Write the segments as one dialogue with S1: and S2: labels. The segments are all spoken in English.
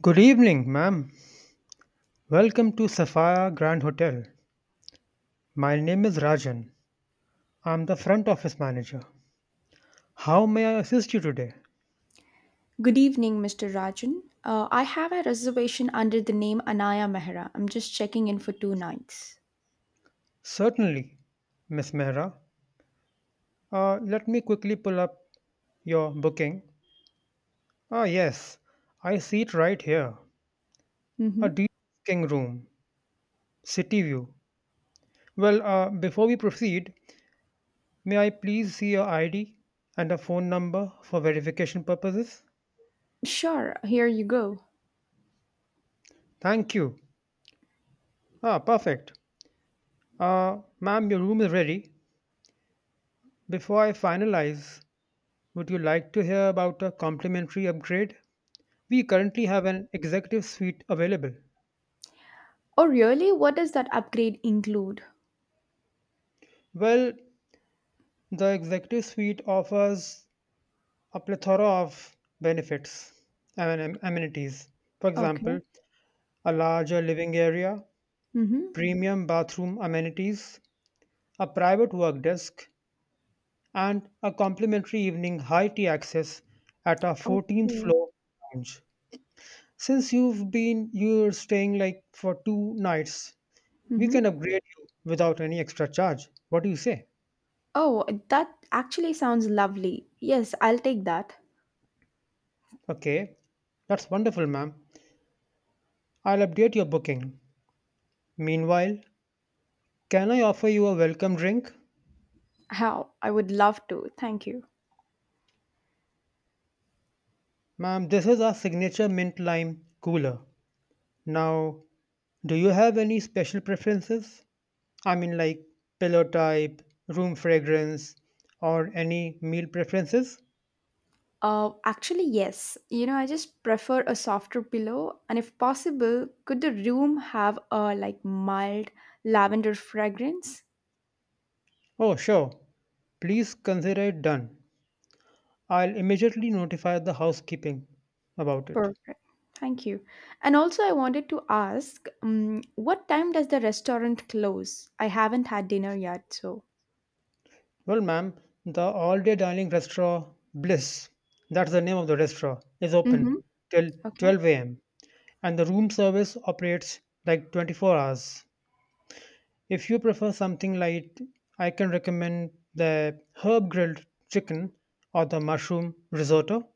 S1: Good evening, ma'am. Welcome to Sapphire Grand Hotel. My name is Rajan. I'm the front office manager. How may I assist you today?
S2: Good evening, Mr. Rajan. I have a reservation under the name Anaya Mehra. I'm just checking in for two nights.
S1: Certainly, Miss Mehra. Let me quickly pull up your booking. Ah, yes, I see it right here. A
S2: Mm-hmm.
S1: de-risking room, city view. Before we proceed, may I please see your ID and a phone number for verification purposes?
S2: Sure, here you go.
S1: Thank you. Ah, perfect. Ma'am, your room is ready. Before I finalize, would you like to hear about a complimentary upgrade? We currently have an executive suite available.
S2: Oh, really? What does that upgrade include?
S1: Well, the executive suite offers a plethora of benefits and amenities. For
S2: Okay.
S1: example, a larger living area,
S2: Mm-hmm.
S1: premium bathroom amenities, a private work desk, and a complimentary evening high tea access at our 14th
S2: Okay.
S1: floor lounge. Since you're staying like for 2 nights, we can
S2: Mm-hmm.
S1: upgrade you without any extra charge. What do you say?
S2: Oh, that actually sounds lovely. Yes, I'll take that.
S1: Okay, that's wonderful, ma'am. I'll update your booking. Meanwhile, can I offer you a welcome drink?
S2: How? I would love to. Thank you.
S1: Ma'am, this is our signature mint lime cooler. Now, do you have any special preferences? I mean, like pillow type, room fragrance, or any meal preferences?
S2: Actually, yes. I just prefer a softer pillow, and if possible, could the room have a mild lavender fragrance?
S1: Oh, sure. Please consider it done. I'll immediately notify the housekeeping about it.
S2: Perfect. Thank you. And also, I wanted to ask, what time does the restaurant close? I haven't had dinner yet, so.
S1: Well, ma'am, the all day dining restaurant Bliss, that's the name of the restaurant, is open
S2: Mm-hmm.
S1: till
S2: Okay.
S1: 12 a.m., and the room service operates like 24 hours. If you prefer something light, I can recommend the herb grilled chicken or the mushroom risotto.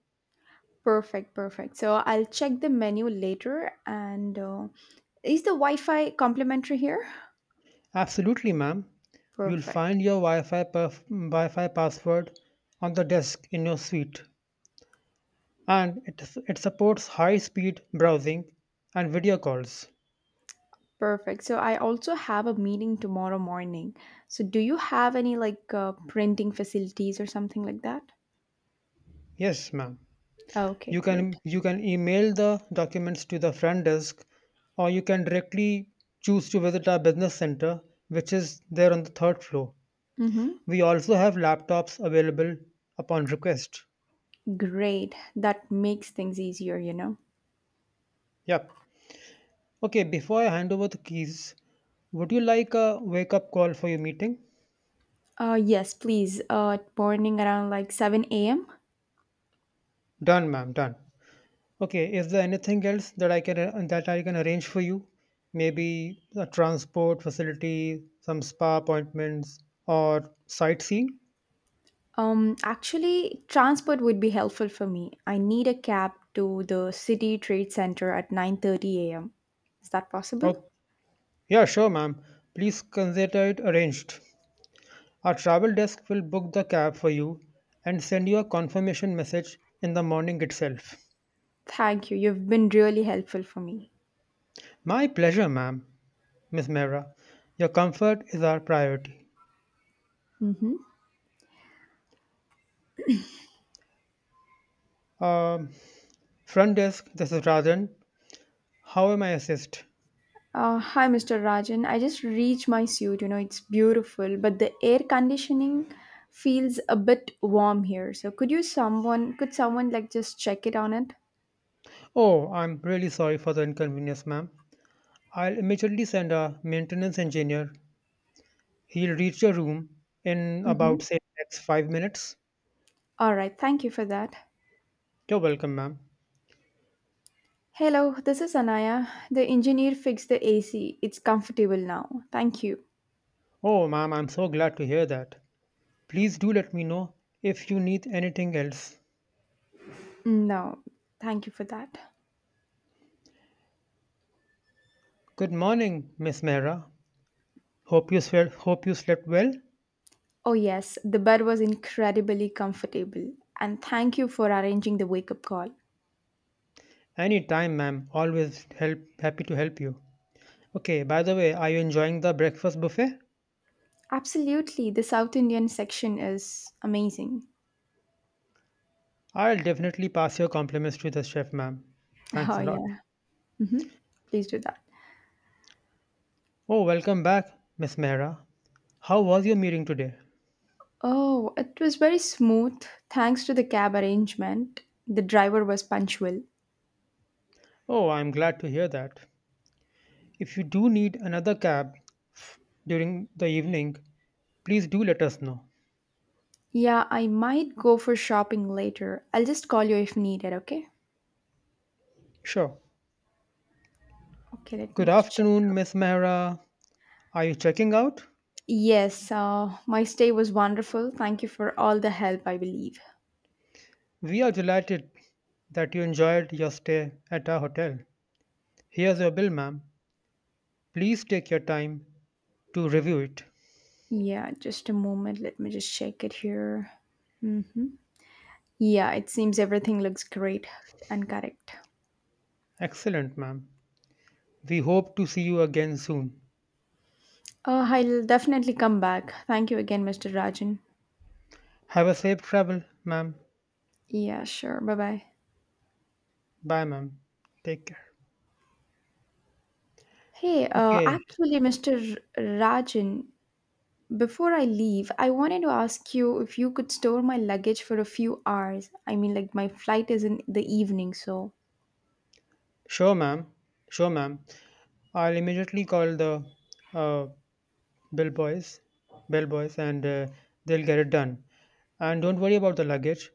S2: Perfect, perfect. So I'll check the menu later. And is the Wi-Fi complimentary here?
S1: Absolutely, ma'am. You'll find
S2: Perfect.
S1: your Wi Fi password on the desk in your suite, and it supports high speed browsing and video calls.
S2: Perfect. So I also have a meeting tomorrow morning. So do you have any printing facilities or something like that?
S1: Yes, ma'am.
S2: Okay,
S1: You
S2: great.
S1: can you can email the documents to the front desk, or you can directly choose to visit our business center, which is there on the third floor.
S2: Mm-hmm.
S1: We also have laptops available upon request.
S2: Great. That makes things easier.
S1: Yep. Okay, before I hand over the keys, would you like a wake up call for your meeting?
S2: Yes, please. Morning around like 7 a.m.
S1: Done, ma'am, done. Okay, is there anything else that I can arrange for you? Maybe a transport facility, some spa appointments, or sightseeing?
S2: Actually, transport would be helpful for me. I need a cab to the City Trade Center at 9:30 a.m. Is that possible?
S1: Oh, yeah, sure, ma'am. Please consider it arranged. Our travel desk will book the cab for you and send you a confirmation message in the morning itself.
S2: Thank you. You've been really helpful for me.
S1: My pleasure, ma'am, Miss Mera. Your comfort is our priority.
S2: Mm-hmm.
S1: Um, front desk, this is Rajan. How am I assist?
S2: Hi, Mr. Rajan. I just reached my suit. It's beautiful, but the air conditioning feels a bit warm here. So, could someone just check it on it?
S1: Oh, I'm really sorry for the inconvenience, ma'am. I'll immediately send a maintenance engineer. He'll reach your room in about,
S2: Mm-hmm.
S1: say, next 5 minutes.
S2: All right. Thank you for that.
S1: You're welcome, ma'am.
S2: Hello, this is Anaya. The engineer fixed the AC. It's comfortable now. Thank you.
S1: Oh, ma'am, I'm so glad to hear that. Please do let me know if you need anything else.
S2: Mm, no, thank you for that.
S1: Good morning, Miss Mera. Hope you slept well.
S2: Oh yes, the bed was incredibly comfortable, and thank you for arranging the wake-up call.
S1: Anytime, ma'am. Happy to help you. Okay, by the way, are you enjoying the breakfast buffet?
S2: Absolutely, the South Indian section is amazing.
S1: I'll definitely pass your compliments to the chef, ma'am. Thanks
S2: Oh,
S1: a lot.
S2: yeah. hmm Please do that.
S1: Oh, welcome back, Miss Mehra. How was your meeting today?
S2: Oh, it was very smooth thanks to the cab arrangement. The driver was punctual.
S1: Oh, I'm glad to hear that. If you do need another cab f- during the evening, please do let us know.
S2: Yeah, I might go for shopping later. I'll just call you if needed, okay?
S1: Sure.
S2: Okay, let
S1: Good
S2: me just check
S1: afternoon,
S2: out.
S1: Miss Mehra. Are you checking out?
S2: Yes, my stay was wonderful. Thank you for all the help, I believe.
S1: We are delighted that you enjoyed your stay at our hotel. Here's your bill, ma'am. Please take your time to review it.
S2: Yeah, just a moment. Let me just check it here. Mm-hmm. Yeah, it seems everything looks great and correct.
S1: Excellent, ma'am. We hope to see you again soon.
S2: I'll definitely come back. Thank you again, Mr. Rajan.
S1: Have a safe travel, ma'am.
S2: Yeah, sure. Bye bye.
S1: Bye, ma'am. Take care.
S2: Hey,
S1: Okay.
S2: Mr. Rajan, before I leave, I wanted to ask you if you could store my luggage for a few hours. I mean, like, my flight is in the evening, so.
S1: Sure, ma'am. Sure, ma'am. I'll immediately call the uh, bell boys, bell boys, and they'll get it done. And don't worry about the luggage.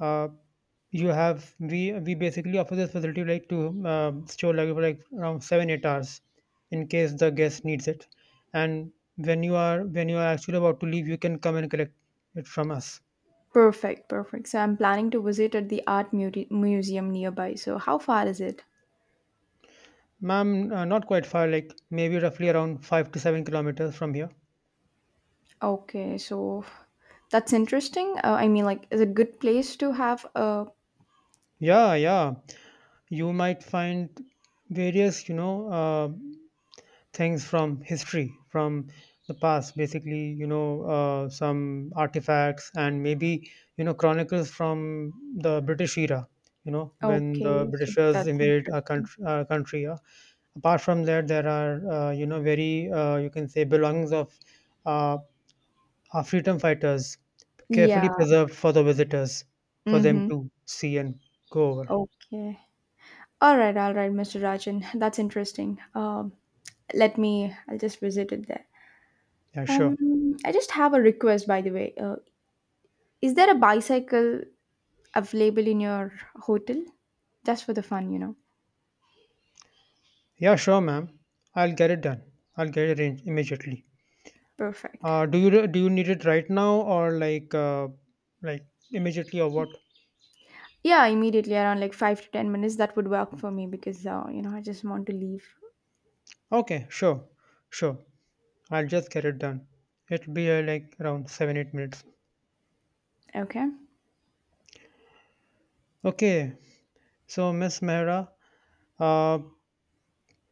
S1: Uh, you have we basically offer this facility like to store luggage for like around 7-8 hours, in case the guest needs it. And when you are actually about to leave, you can come and collect it from us,
S2: Perfect, perfect. So, I'm planning to visit at the museum nearby. So, how far is it?
S1: ma'am. Not quite far, like maybe roughly around 5 to 7 kilometers from here.
S2: Okay, so that's interesting. I mean, like, is it good place to have a.
S1: Yeah, yeah. You might find various things from history, from the past, basically, some artifacts, and maybe, you know chronicles from the British era, when the
S2: Okay, so
S1: Britishers
S2: that's
S1: invaded
S2: interesting.
S1: our country. Apart from that, there are very, you can say, belongings of uh, our freedom fighters, carefully
S2: Yeah.
S1: preserved for the visitors for them
S2: Mm-hmm.
S1: to see and go over.
S2: Okay. All right, Mr. Rajan. That's interesting. I'll just visit it there.
S1: Yeah, sure.
S2: I just have a request, by the way. Is there a bicycle available in your hotel? Just for the fun, you know.
S1: Yeah, sure, ma'am. I'll get it done. I'll get it arranged immediately.
S2: Perfect.
S1: Do you need it right now, or like immediately or what?
S2: Yeah, immediately around like 5 to 10 minutes, that would work for me because, I just want to leave.
S1: Okay, sure, sure. I'll just get it done. It'll be like around 7-8 minutes.
S2: Okay.
S1: Okay. So, Miss Mehra, uh,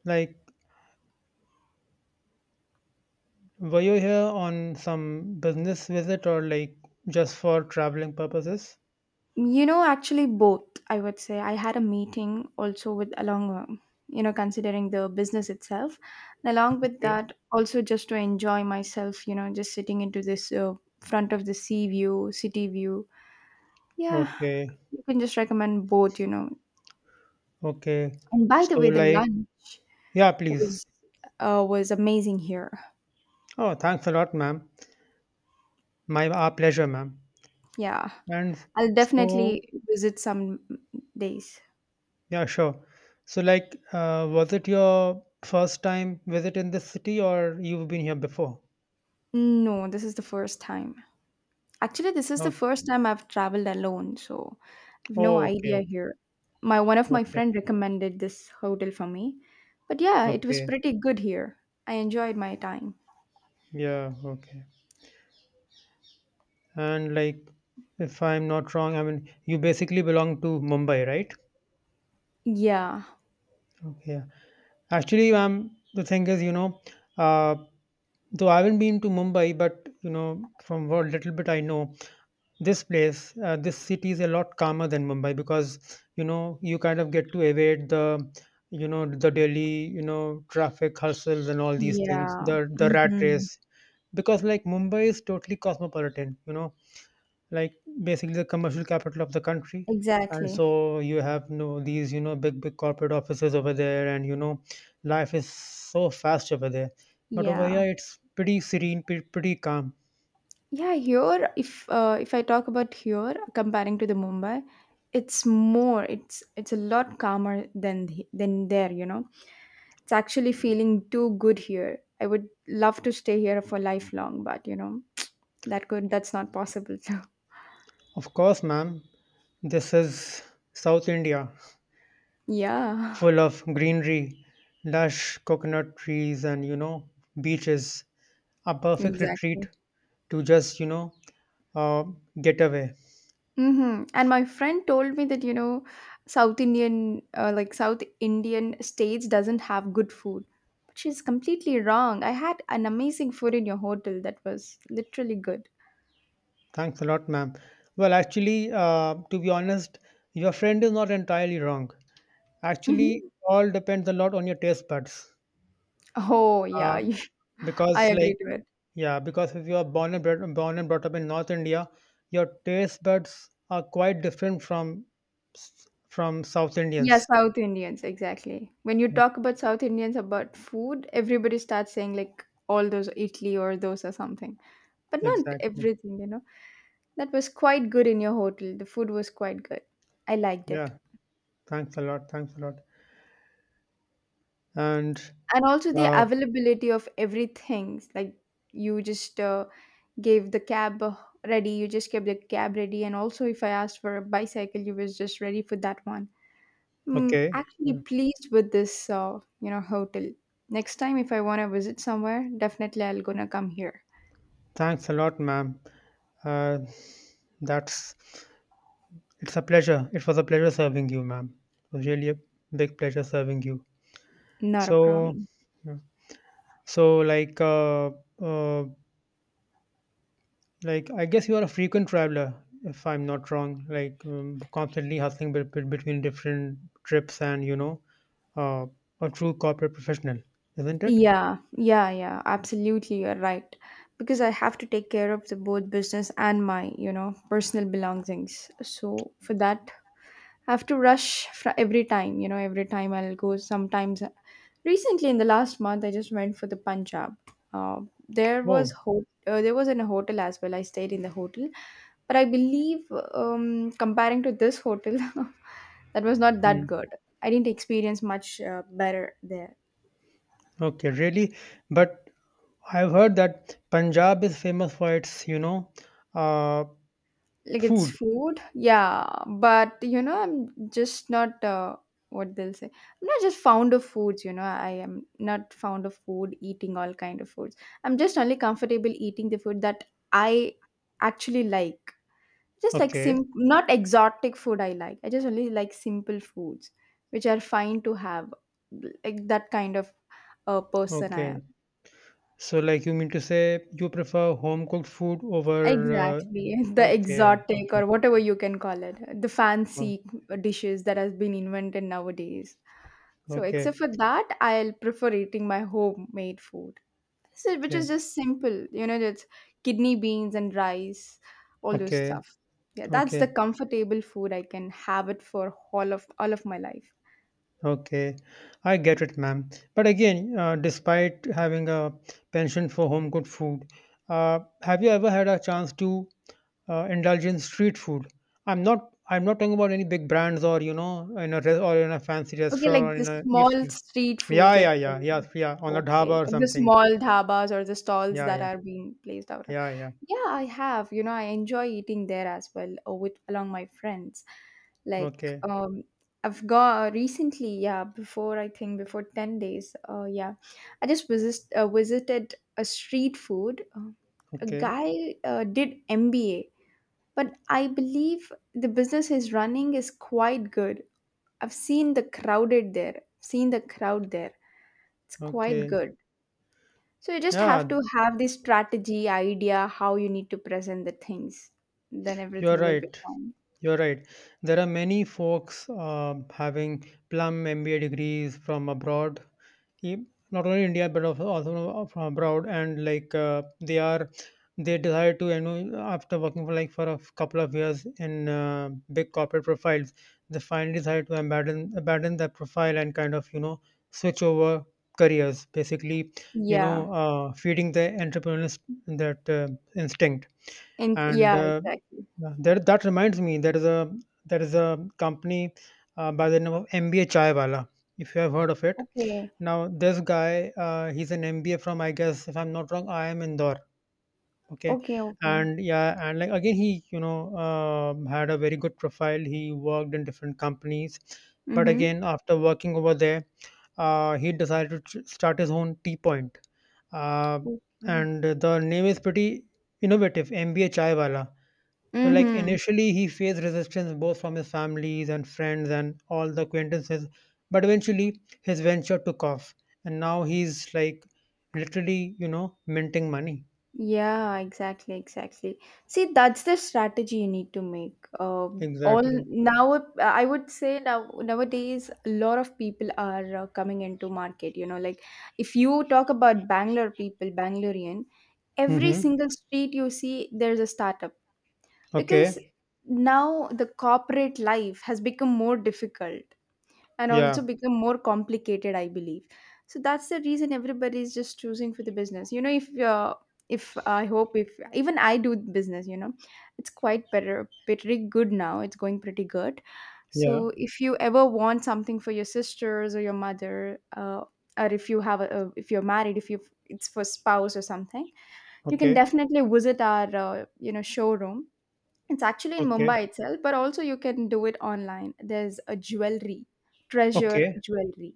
S1: like, were you here on some business visit, or like just for traveling purposes?
S2: You know, actually both, I would say. I had a meeting also with along, considering the business itself. And along with
S1: Okay.
S2: that, also just to enjoy myself, you know, just sitting into this front of the sea view, city view. Yeah,
S1: Okay.
S2: you can just recommend both, you know.
S1: Okay.
S2: And by the
S1: So,
S2: way, the
S1: like,
S2: lunch
S1: yeah, please.
S2: was was amazing here.
S1: Oh, thanks a lot, ma'am. My our pleasure, ma'am.
S2: Yeah.
S1: And
S2: I'll
S1: so,
S2: definitely visit some days.
S1: yeah, sure. Was it your first time visit in this city, or you've been here before?
S2: No, this is the first time. Actually, this is the
S1: Oh,
S2: first time I've traveled alone, so I've no
S1: oh,
S2: idea
S1: okay,
S2: here. My one of my
S1: okay,
S2: friend recommended this hotel for me. But yeah, it was
S1: okay,
S2: pretty good here. I enjoyed my time.
S1: yeah, okay. And like, if I'm not wrong, I mean, you basically belong to Mumbai, right?
S2: Yeah.
S1: Okay, yeah. Actually, the thing is, uh, though I haven't been to Mumbai, but from what little bit I know, this place, this city is a lot calmer than Mumbai, because you kind of get to evade the the daily traffic hustles and all these things,
S2: Yeah.
S1: the rat
S2: hmm
S1: race. Because like Mumbai is totally cosmopolitan, like basically the commercial capital of the country, and
S2: Exactly.
S1: so you have no these big big corporate offices over there, and life is so fast over there. But over
S2: Yeah.
S1: here, it's pretty serene, pretty calm.
S2: Yeah, here if I talk about here comparing to the Mumbai, it's more it's a lot calmer than than there, you know. It's actually feeling too good here. I would love to stay here for lifelong, but you know, that's not possible too.
S1: Of course, ma'am. This is South India,
S2: Yeah,
S1: full of greenery, lush coconut trees, and beaches. A perfect retreat
S2: exactly.
S1: to just, uh, get away.
S2: Mm-hmm. And my friend told me that you know, South Indian states doesn't have good food. But she's completely wrong. I had an amazing food in your hotel that was literally good.
S1: Thanks a lot, ma'am. Well, actually, to be honest, your friend is not entirely wrong. Actually,
S2: hmm
S1: all depends a lot on your taste buds.
S2: Oh
S1: Uh,
S2: yeah, I
S1: because, like,
S2: agree to it.
S1: Yeah, because if you are born and brought up in North India, your taste buds are quite different from South
S2: Yeah,
S1: Indians.
S2: South Indians, exactly. When you talk about South Indians about food, everybody starts saying like all those Italy or those or something. But not
S1: Exactly.
S2: everything, you know. That was quite good in your hotel. The food was quite good. I liked it.
S1: Yeah. Thanks a lot. Thanks a lot. And
S2: And also the
S1: uh,
S2: availability of everything. Like you just gave the cab ready, you just kept the cab ready and also if I asked for a bicycle, you was just ready for that one. Mm,
S1: okay.
S2: actually pleased with this, hotel. Next time, if I want to visit somewhere, definitely I'll gonna come here.
S1: Thanks a lot, ma'am. Uh, that's it's a pleasure. It was a pleasure serving you, ma'am. It was really a big pleasure serving you.
S2: Not a
S1: So,
S2: problem.
S1: yeah. so like uh, uh, Like, I guess you are a frequent traveler, if I'm not wrong. Like, constantly hustling between different trips, and uh, a true corporate professional, isn't it?
S2: Yeah, absolutely, you're right. Because I have to take care of the both business and my, you know, personal belongings. So for that, I have to rush fr every time, you know, every time I'll go. Sometimes, recently in the last month, I just went for the Punjab. Uh,
S1: Oh,
S2: there was in a hotel as well. I stayed in the hotel, but I believe comparing to this hotel, that was not that
S1: mm.
S2: good. I didn't experience much better there
S1: Okay, really. But I've heard that Punjab is famous for its, uh,
S2: like it's
S1: food.
S2: food yeah but you know I'm just not what they'll say I'm not just fond of foods you know I am not fond of food eating all kind of foods I'm just only comfortable eating the food that I actually like just like
S1: Okay,
S2: sim not exotic food I like I just only like simple foods which are fine to have like that kind of a person I am.
S1: okay. So, like, you mean to say you prefer home cooked food over?
S2: Exactly. The
S1: Okay,
S2: exotic
S1: okay,
S2: or whatever you can call it, the
S1: oh,
S2: fancy dishes that has been invented nowadays. So
S1: okay,
S2: except for that, I'll prefer eating my homemade food. So, which is
S1: okay,
S2: just simple, you know, that's kidney beans and rice, all those
S1: okay,
S2: stuff. Yeah, that's the
S1: okay.
S2: comfortable food I can have it for all of my life.
S1: Okay, I get it, ma'am. But again, despite having a penchant for home cooked food, have you ever had a chance to indulge in street food? I'm not. I'm not talking about any big brands, or in a re- or in a fancy
S2: Okay,
S1: restaurant,
S2: like
S1: or
S2: the
S1: in a
S2: small
S1: eatery.
S2: street
S1: Yeah,
S2: foods, like
S1: yeah, yeah, yeah, yeah. On a
S2: okay,
S1: dhaba or
S2: like the
S1: something.
S2: small dhabas or the stalls
S1: Yeah,
S2: that
S1: yeah,
S2: are being placed out of.
S1: yeah, yeah.
S2: Yeah, I have. You know, I enjoy eating there as well, or with along my friends. Like,
S1: Okay,
S2: um, I've got recently, yeah, before I think before 10 days. Yeah, I just visited a street food. A
S1: okay,
S2: guy did MBA, but I believe the business he's running is quite good. I've seen seen the crowd there. It's quite
S1: okay.
S2: good. So you just have
S1: Yeah,
S2: to have the strategy, idea, how you need to present the things. Then
S1: you are
S2: everything will be
S1: right.
S2: fine.
S1: You're right. There are many folks having plum MBA degrees from abroad, e- not only India but also from abroad, and like they desire to, you know, after working for for a couple of years in big corporate profiles, they finally decide to abandon that profile, and kind of, you know, switch over careers. Basically,
S2: Yeah.
S1: feeding the entrepreneurial, that instinct.
S2: And
S1: And
S2: yeah, exactly.
S1: that reminds me, there is a company by the name of MBA Chai, if you have heard of it.
S2: Okay.
S1: Now this guy, he's an MBA from, I guess, if I'm not wrong, I am Indore. Okay.
S2: Okay, okay.
S1: And yeah, and like again, he, had a very good profile, he worked in different companies, but
S2: Mm-hmm.
S1: again, after working over there, he decided to start his own tea point, uh,
S2: Okay.
S1: and the name is pretty innovative, MBA Chai. So, like
S2: Mm-hmm.
S1: initially, he faced resistance both from his families and friends and all the acquaintances, but eventually his venture took off, and now he's like literally, minting money.
S2: Yeah, exactly, exactly. See, that's the strategy you need to make.
S1: Exactly.
S2: I would say now nowadays a lot of people are coming into market. You know, like if you talk about Bangalore people, Bangalorean, every
S1: Mm-hmm.
S2: single street you see, there's a startup because
S1: Okay.
S2: now the corporate life has become more difficult and also
S1: Yeah.
S2: become more complicated I believe so that's the reason everybody is just choosing for the business you know if I hope if even I do business you know it's quite better pretty good now it's going pretty good so
S1: Yeah.
S2: if you ever want something for your sisters or your mother uh, or if you have a if you're married if you it's for spouse or something you can
S1: Okay.
S2: definitely visit our showroom it's actually in
S1: Okay.
S2: Mumbai itself, but also you can do it online. There's a jewelry, treasure
S1: Okay.
S2: jewelry.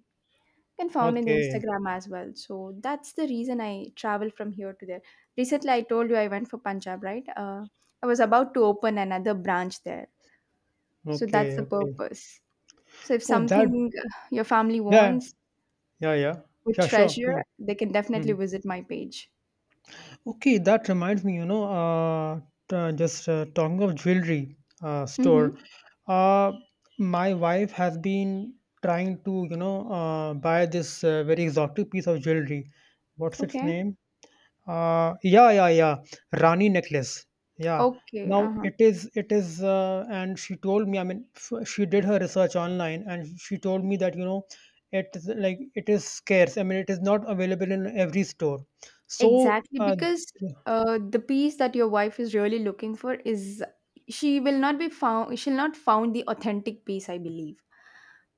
S2: You can found in the
S1: Okay.
S2: Instagram as well. So that's the reason I travel from here to there. Recently, I told you I went for Punjab, right? I was about to open another branch there. So that's
S1: Okay.
S2: the
S1: Okay.
S2: purpose. So if
S1: Oh, that.
S2: something your family
S1: Yeah.
S2: wants
S1: Yeah. Yeah.
S2: with
S1: Yeah. Sure. Please.
S2: treasure, they can definitely
S1: Mhm.
S2: visit my page.
S1: Okay, that reminds me, just talking of jewelry store,
S2: Mm-hmm.
S1: uh, my wife has been trying to, buy this very exotic piece of jewelry. What's its
S2: Okay.
S1: name? Yeah, yeah, yeah, Rani necklace. Yeah.
S2: Okay.
S1: Now
S2: Uh-huh.
S1: it is, and she told me. I mean, she did her research online, and she told me that it is like it is scarce. I mean, it is not available in every store. So.
S2: Exactly, because the piece that your wife is really looking for is she'll not found the authentic piece, I believe.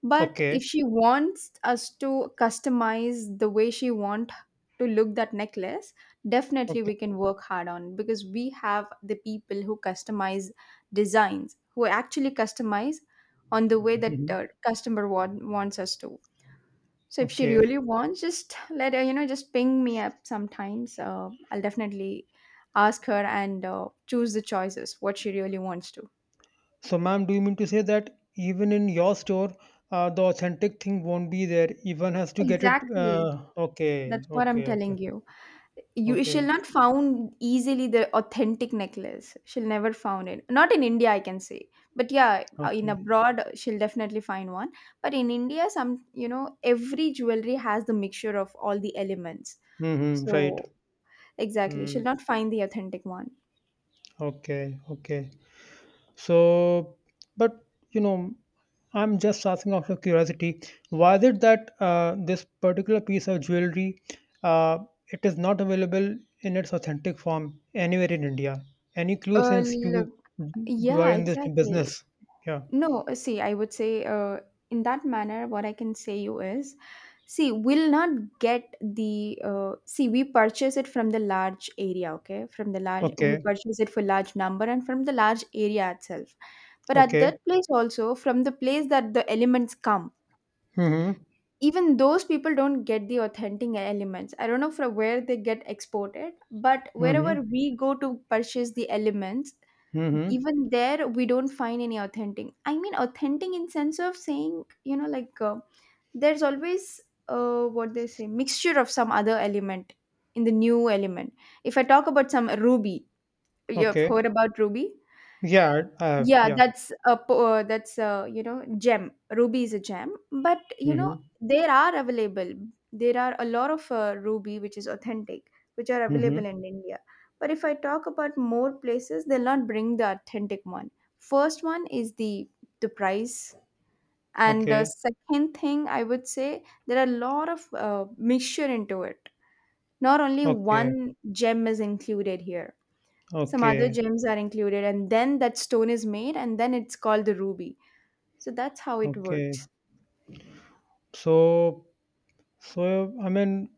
S2: But
S1: Okay,
S2: if she wants us to customize the way she want to look that necklace, definitely
S1: okay,
S2: we can work hard on because we have the people who customize designs, who actually customize on the way that
S1: mhm,
S2: customer want, wants us to. So if she
S1: okay.
S2: really wants, just let her, you know, just ping me up sometimes. I'll definitely ask her and choose the choices what she really wants to.
S1: So, ma'am, do you mean to say that even in your store, the authentic thing won't be there? Even has to get it.
S2: Exactly.
S1: Okay,
S2: That's what I'm
S1: okay, okay,
S2: telling you. You she'll
S1: okay,
S2: not found easily the authentic necklace. She'll never found it. Not in India, I can say. But yeah, in
S1: okay.
S2: abroad, she'll definitely find one. But in India, some you know, every jewelry has the mixture of all the elements.
S1: Mm-hmm, right.
S2: So exactly, she'll
S1: Mm,
S2: not find the authentic one.
S1: okay, okay. So, but you know, I'm just asking out of curiosity. Why is it that this particular piece of jewelry uh, it is not available in its authentic form anywhere in India? Any clue,
S2: Uh,
S1: since
S2: look,
S1: you were
S2: yeah,
S1: in this
S2: exactly.
S1: business? Yeah.
S2: No, see, I would say in that manner, what I can say you is, see, we'll not get the, see, we purchase it from the large area, okay? From the large, we
S1: Okay.
S2: purchase it for large number and from the large area itself. But at that
S1: Okay.
S2: place also, from the place that the elements come,
S1: Mm-hmm.
S2: even those people don't get the authentic elements. I don't know from where they get exported, but wherever
S1: Mm-hmm.
S2: we go to purchase the elements,
S1: Mm-hmm.
S2: even there we don't find any authentic, I mean authentic in sense of saying, you know, like there's always what they say mixture of some other element in the new element. If I talk about some ruby, you have
S1: Okay.
S2: heard about ruby.
S1: Yeah, I have.
S2: Yeah,
S1: Yeah.
S2: that's a that's a, you know, gem. Ruby is a gem, but you know
S1: Mm-hmm.
S2: there are available. There are a lot of ruby which is authentic, which are
S1: Mm-hmm.
S2: available in India. But if I talk about more places, they'll not bring the authentic one. First one is the price, and the
S1: Okay.
S2: second thing I would say there are a lot of mixture into it. Not only
S1: Okay.
S2: one gem is included here. Some other
S1: Okay.
S2: gems are included, and then that stone is made, and then it's called the ruby. So that's how it
S1: Okay.
S2: works.
S1: So, so I mean,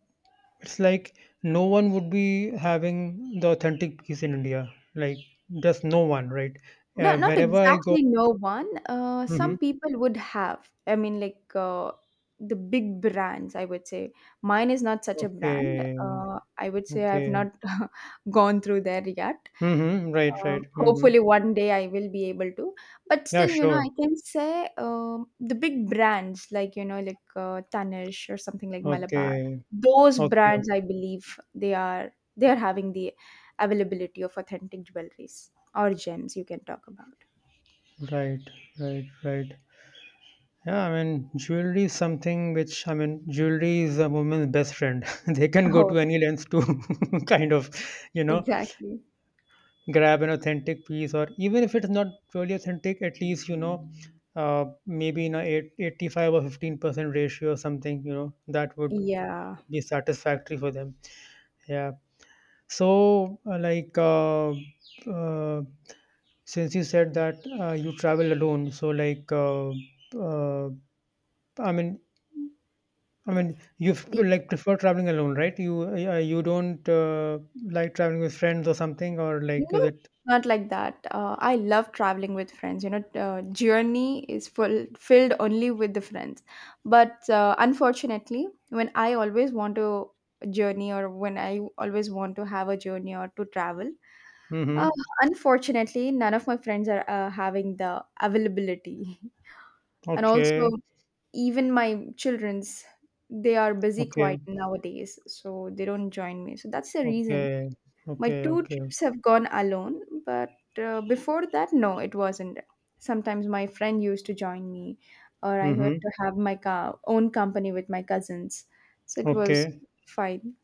S1: it's like no one would be having the authentic piece in India. Like just no one, right?
S2: No, not
S1: Wherever I go.
S2: exactly no one.
S1: Hmm.
S2: Some people would have. I mean, like the big brands, I would say. Mine is not such a brand.
S1: Okay.
S2: I would say I've
S1: Okay.
S2: not gone through there yet.
S1: Mm-hmm. Right. Right. Mm-hmm.
S2: Hopefully one day I will be able to. But
S1: Yeah.
S2: still, you know,
S1: Sure.
S2: I can say the big brands like, you know, like Tanish or something like Malabar,
S1: Okay.
S2: those
S1: Okay.
S2: brands,
S1: Okay.
S2: I believe they are having the availability of authentic jewelries or gems you can talk about.
S1: Right. Right. Right. Yeah, I mean, jewelry is something which, I mean, jewelry is a woman's best friend. They can go
S2: Oh,
S1: to any length to kind of, you know,
S2: exactly.
S1: grab an authentic piece, or even if it's not really authentic, at least you know, maybe in a 85 or 15% ratio or something, you know, that would
S2: Yeah.
S1: be satisfactory for them. Yeah. So like uh, since you said that you travel alone, so like uh, i mean I mean, you f- like, prefer traveling alone, right? You you don't like traveling with friends or something, or like, is
S2: No,
S1: it?
S2: not like that. I love traveling with friends. You know, journey is full filled only with the friends. But unfortunately, when I always want to journey or when I always want to have a journey or to travel, uh,
S1: Mm-hmm.
S2: unfortunately, none of my friends are having the availability. And also,
S1: Okay,
S2: even my children's, they are busy
S1: okay.
S2: quite nowadays, so they don't join me. So that's the reason.
S1: Okay,
S2: My
S1: okay,
S2: two
S1: okay.
S2: trips have gone alone, but before that, no, it wasn't. Sometimes my friend used to join me, or I
S1: Mm-hmm.
S2: had to have my own company with my cousins. So it was
S1: Okay,
S2: fine.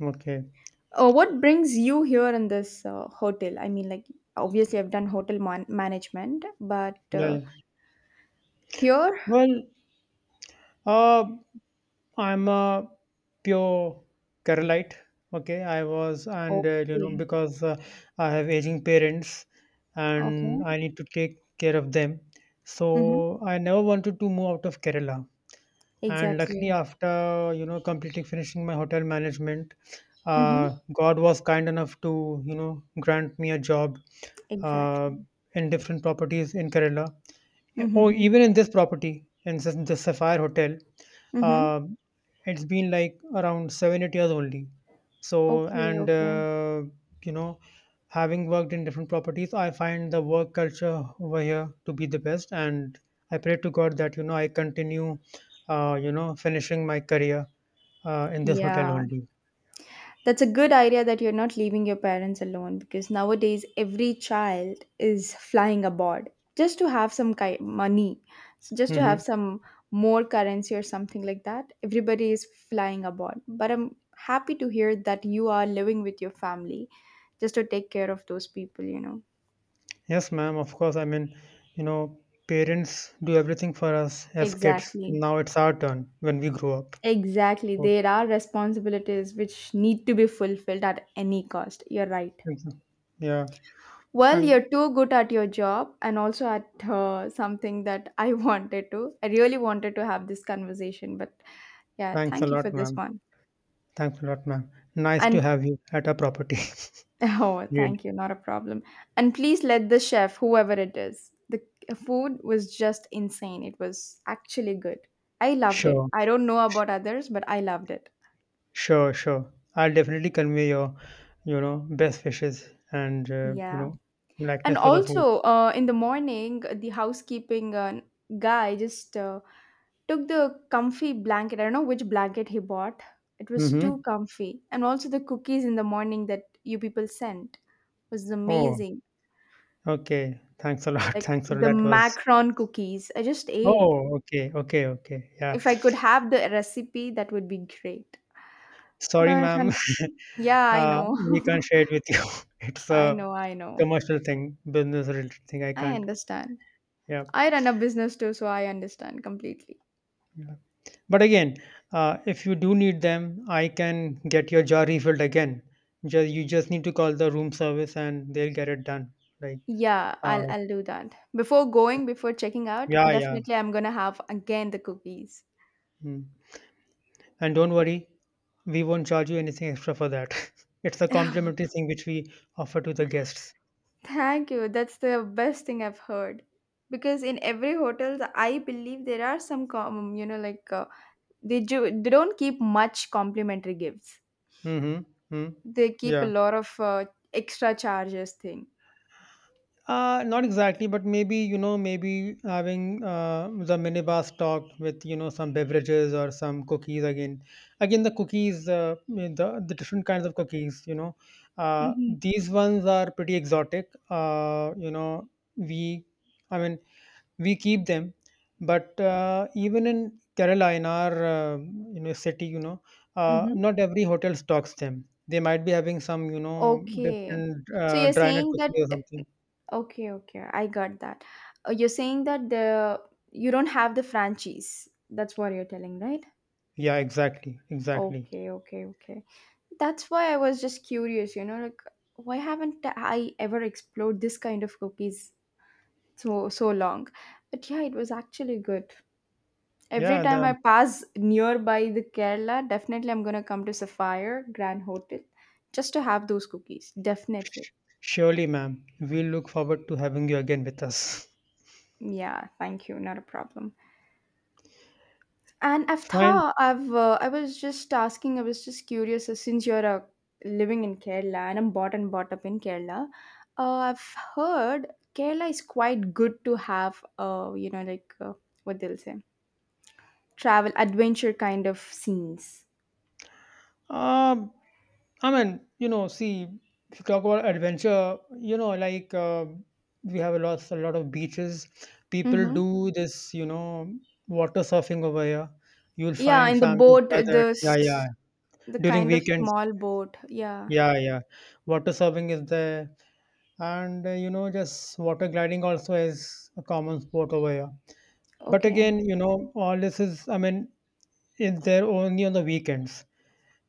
S1: okay.
S2: Oh, what brings you here in this hotel? I mean, like, obviously, I've done hotel management, but
S1: Yeah, yeah.
S2: here?
S1: Well, uh, I'm a pure Keralite. Okay, I was, and you know,
S2: Okay.
S1: because I have aging parents and
S2: Okay.
S1: I need to take care of them,
S2: Mm-hmm.
S1: so I never wanted to move out of Kerala. And luckily,
S2: Exactly.
S1: after you know, completely finishing my hotel management,
S2: Mm-hmm.
S1: God was kind enough to, you know, grant me a job uh,
S2: Exactly.
S1: in different properties in Kerala. Yeah, or
S2: Mm-hmm.
S1: even in this property, in the Sapphire Hotel,
S2: Mm-hmm.
S1: um, it's been like around seven, 8 years only. So,
S2: Okay.
S1: and
S2: Okay.
S1: you know, having worked in different properties, I find the work culture over here to be the best. And I pray to God that, you know, I continue, you know, finishing my career in this hotel
S2: Yeah.
S1: only.
S2: That's a good idea that you're not leaving your parents alone, because nowadays every child is flying abroad just to have some money, so just to have
S1: Hmm.
S2: some more currency or something like that. Everybody is flying abroad, but I'm happy to hear that you are living with your family just to take care of those people, you know.
S1: Yes, ma'am, of course. I mean, you know, parents do everything for us as kids.
S2: Exactly.
S1: Now it's our turn when we grow up.
S2: Exactly.
S1: So,
S2: There are responsibilities which need to be fulfilled at any cost. You're right.
S1: thank you. Yeah,
S2: Well,
S1: and
S2: you're too good at your job and also at something that I wanted to. I really wanted to have this conversation, but yeah,
S1: thanks a
S2: thank you
S1: lot,
S2: for this
S1: ma'am.
S2: one.
S1: Thanks a lot, ma'am. Nice to
S2: And
S1: have you at our property.
S2: oh,
S1: Really.
S2: thank you, not a problem. And please let the chef, whoever it is, the food was just insane. It was actually good. I loved it.
S1: Sure,
S2: I don't know about others, but I loved it.
S1: sure, sure. I'll definitely convey your, you know, best wishes and you
S2: Yeah.
S1: know,
S2: And
S1: likeness for the food.
S2: also, in the morning, the housekeeping guy just took the comfy blanket. I don't know which blanket he bought. It was
S1: Mm-hmm.
S2: too comfy. And also the cookies in the morning that you people sent was
S1: Oh,
S2: amazing.
S1: okay. Thanks a lot.
S2: Like
S1: Thanks for
S2: the
S1: that was.
S2: macaron cookies. I just ate.
S1: Oh, okay, okay, okay. Yeah.
S2: If I could have the recipe, that would be great.
S1: Sorry,
S2: But
S1: ma'am.
S2: yeah, I know.
S1: We can't share it with you. It's
S2: I
S1: a
S2: know, I know.
S1: commercial thing, business related thing. I
S2: I
S1: can't.
S2: understand.
S1: Yeah.
S2: I run a business too, so I understand completely.
S1: But again, if you do need them, I can get your jar refilled again. Just you just need to call the room service and they'll get it done. Like,
S2: Yeah,
S1: uh,
S2: I'll do that. Before going, before checking out,
S1: yeah, yeah.
S2: definitely I'm gonna have again the cookies.
S1: Mm. And don't worry, we won't charge you anything extra for that. It's a complimentary thing which we offer to the guests.
S2: Thank you. That's the best thing I've heard. Because in every hotel, I believe there are you know, like they do, they don't keep much complimentary gifts.
S1: Mm-hmm. Mm.
S2: They keep a
S1: Yeah.
S2: lot of extra charges thing.
S1: Not exactly, but maybe, you know, maybe having the minibar stocked with, you know, some beverages or some cookies again. Again, the cookies, mm, the different kinds of cookies, you know,
S2: hmm
S1: these ones are pretty exotic. You know, we, I mean, we keep them, but even in Kerala, in our, you know, city, you know,
S2: hmm
S1: not every hotel stocks them. They might be having some, you know,
S2: Okay.
S1: different
S2: So you're
S1: dry nut
S2: saying that
S1: cookies or something.
S2: okay, okay, I got that. You're saying that the you don't have the franchise. That's what you're telling, right?
S1: Yeah, exactly. Exactly.
S2: Okay, okay, okay. That's why I was just curious, you know, like why haven't I ever explored this kind of cookies so long? But yeah, it was actually good. Every
S1: Yeah,
S2: time I
S1: the,
S2: pass nearby the Kerala, definitely I'm gonna come to Sapphire Grand Hotel just to have those cookies. Definitely.
S1: surely, ma'am. We look forward to having you again with us.
S2: Yeah, thank you. Not a problem. And
S1: Fine.
S2: I was just asking, I was just curious, since you're living in Kerala and I'm bought and brought up in Kerala, I've heard Kerala is quite good to have you know like what they'll say travel adventure kind of scenes.
S1: Um, I mean, you know, see, if you talk about adventure, you know, like we have a lot of beaches. People
S2: Mm-hmm.
S1: do this, you know, water surfing over here. You'll
S2: Yeah,
S1: find
S2: in the
S1: families
S2: boat
S1: gathered. Yeah, yeah.
S2: the
S1: During
S2: kind of
S1: weekends.
S2: small boat. Yeah.
S1: Yeah, yeah. Water surfing is there, and you know, just water gliding also is a common sport over here. But
S2: Okay.
S1: again, you know, all this is, I mean, is there only on the weekends.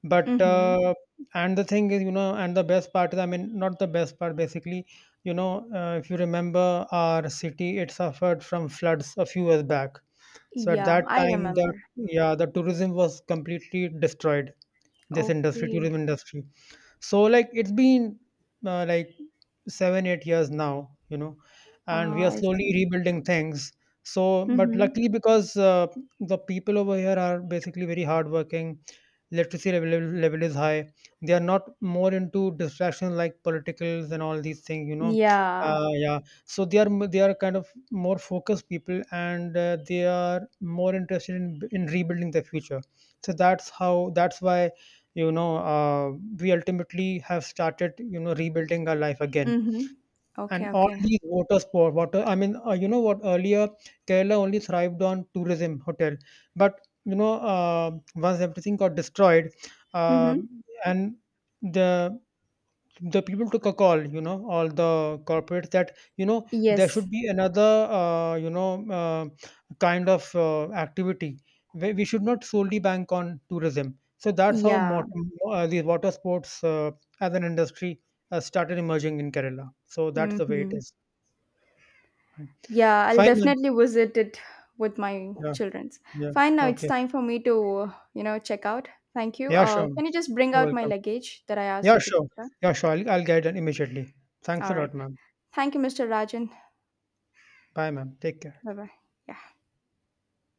S1: But
S2: Mm-hmm.
S1: and the thing is, you know, and the best part is, I mean, not the best part. Basically, you know, if you remember our city, it suffered from floods a few years back. So at
S2: Yeah,
S1: that
S2: I
S1: time, the
S2: remember.
S1: yeah, the tourism was completely destroyed. This industry,
S2: Okay.
S1: tourism industry, so like, it's been like 7, 8 years now, you know, and we
S2: Ah,
S1: are
S2: I
S1: slowly
S2: see.
S1: rebuilding things. So, but
S2: Mm-hmm.
S1: luckily, because the people over here are basically very hardworking, literacy level is high, they are not more into distractions like politicals and all these things, you know.
S2: Yeah.
S1: Yeah, so they are they are kind of more focused people, and they are more interested in rebuilding their future. So that's how, that's why, you know, we ultimately have started, you know, rebuilding our life again.
S2: Mhm.
S1: And
S2: Okay,
S1: all
S2: okay.
S1: these water sport, water, I mean, you know what, earlier Kerala only thrived on tourism, hotel. But you know, once everything got destroyed, uh,
S2: Mhm.
S1: and the the people took a call, you know, all the corporates, that you know, there
S2: Yes.
S1: should be another you know kind of activity where we should not solely bank on tourism. So that's how,
S2: Yeah.
S1: the water sports as an industry started emerging in Kerala. So that's the way it
S2: Mhm.
S1: is. Fine.
S2: Yeah, I'll
S1: Fine, ma'am.
S2: definitely visit it with my
S1: Yeah,
S2: children's.
S1: yeah,
S2: Fine, now it's
S1: okay.
S2: time for me to, you know, check out. Thank you.
S1: Yeah, sure, ma'am.
S2: Can you just bring
S1: You're
S2: out my
S1: welcome.
S2: luggage that I asked
S1: Yeah,
S2: you to
S1: sure.
S2: prepare?
S1: Yeah, sure, I'll guide it immediately. Thanks
S2: All
S1: a
S2: right.
S1: lot, ma'am.
S2: Thank you, Mr. Rajan.
S1: Bye, ma'am, take care.
S2: Bye bye. Yeah.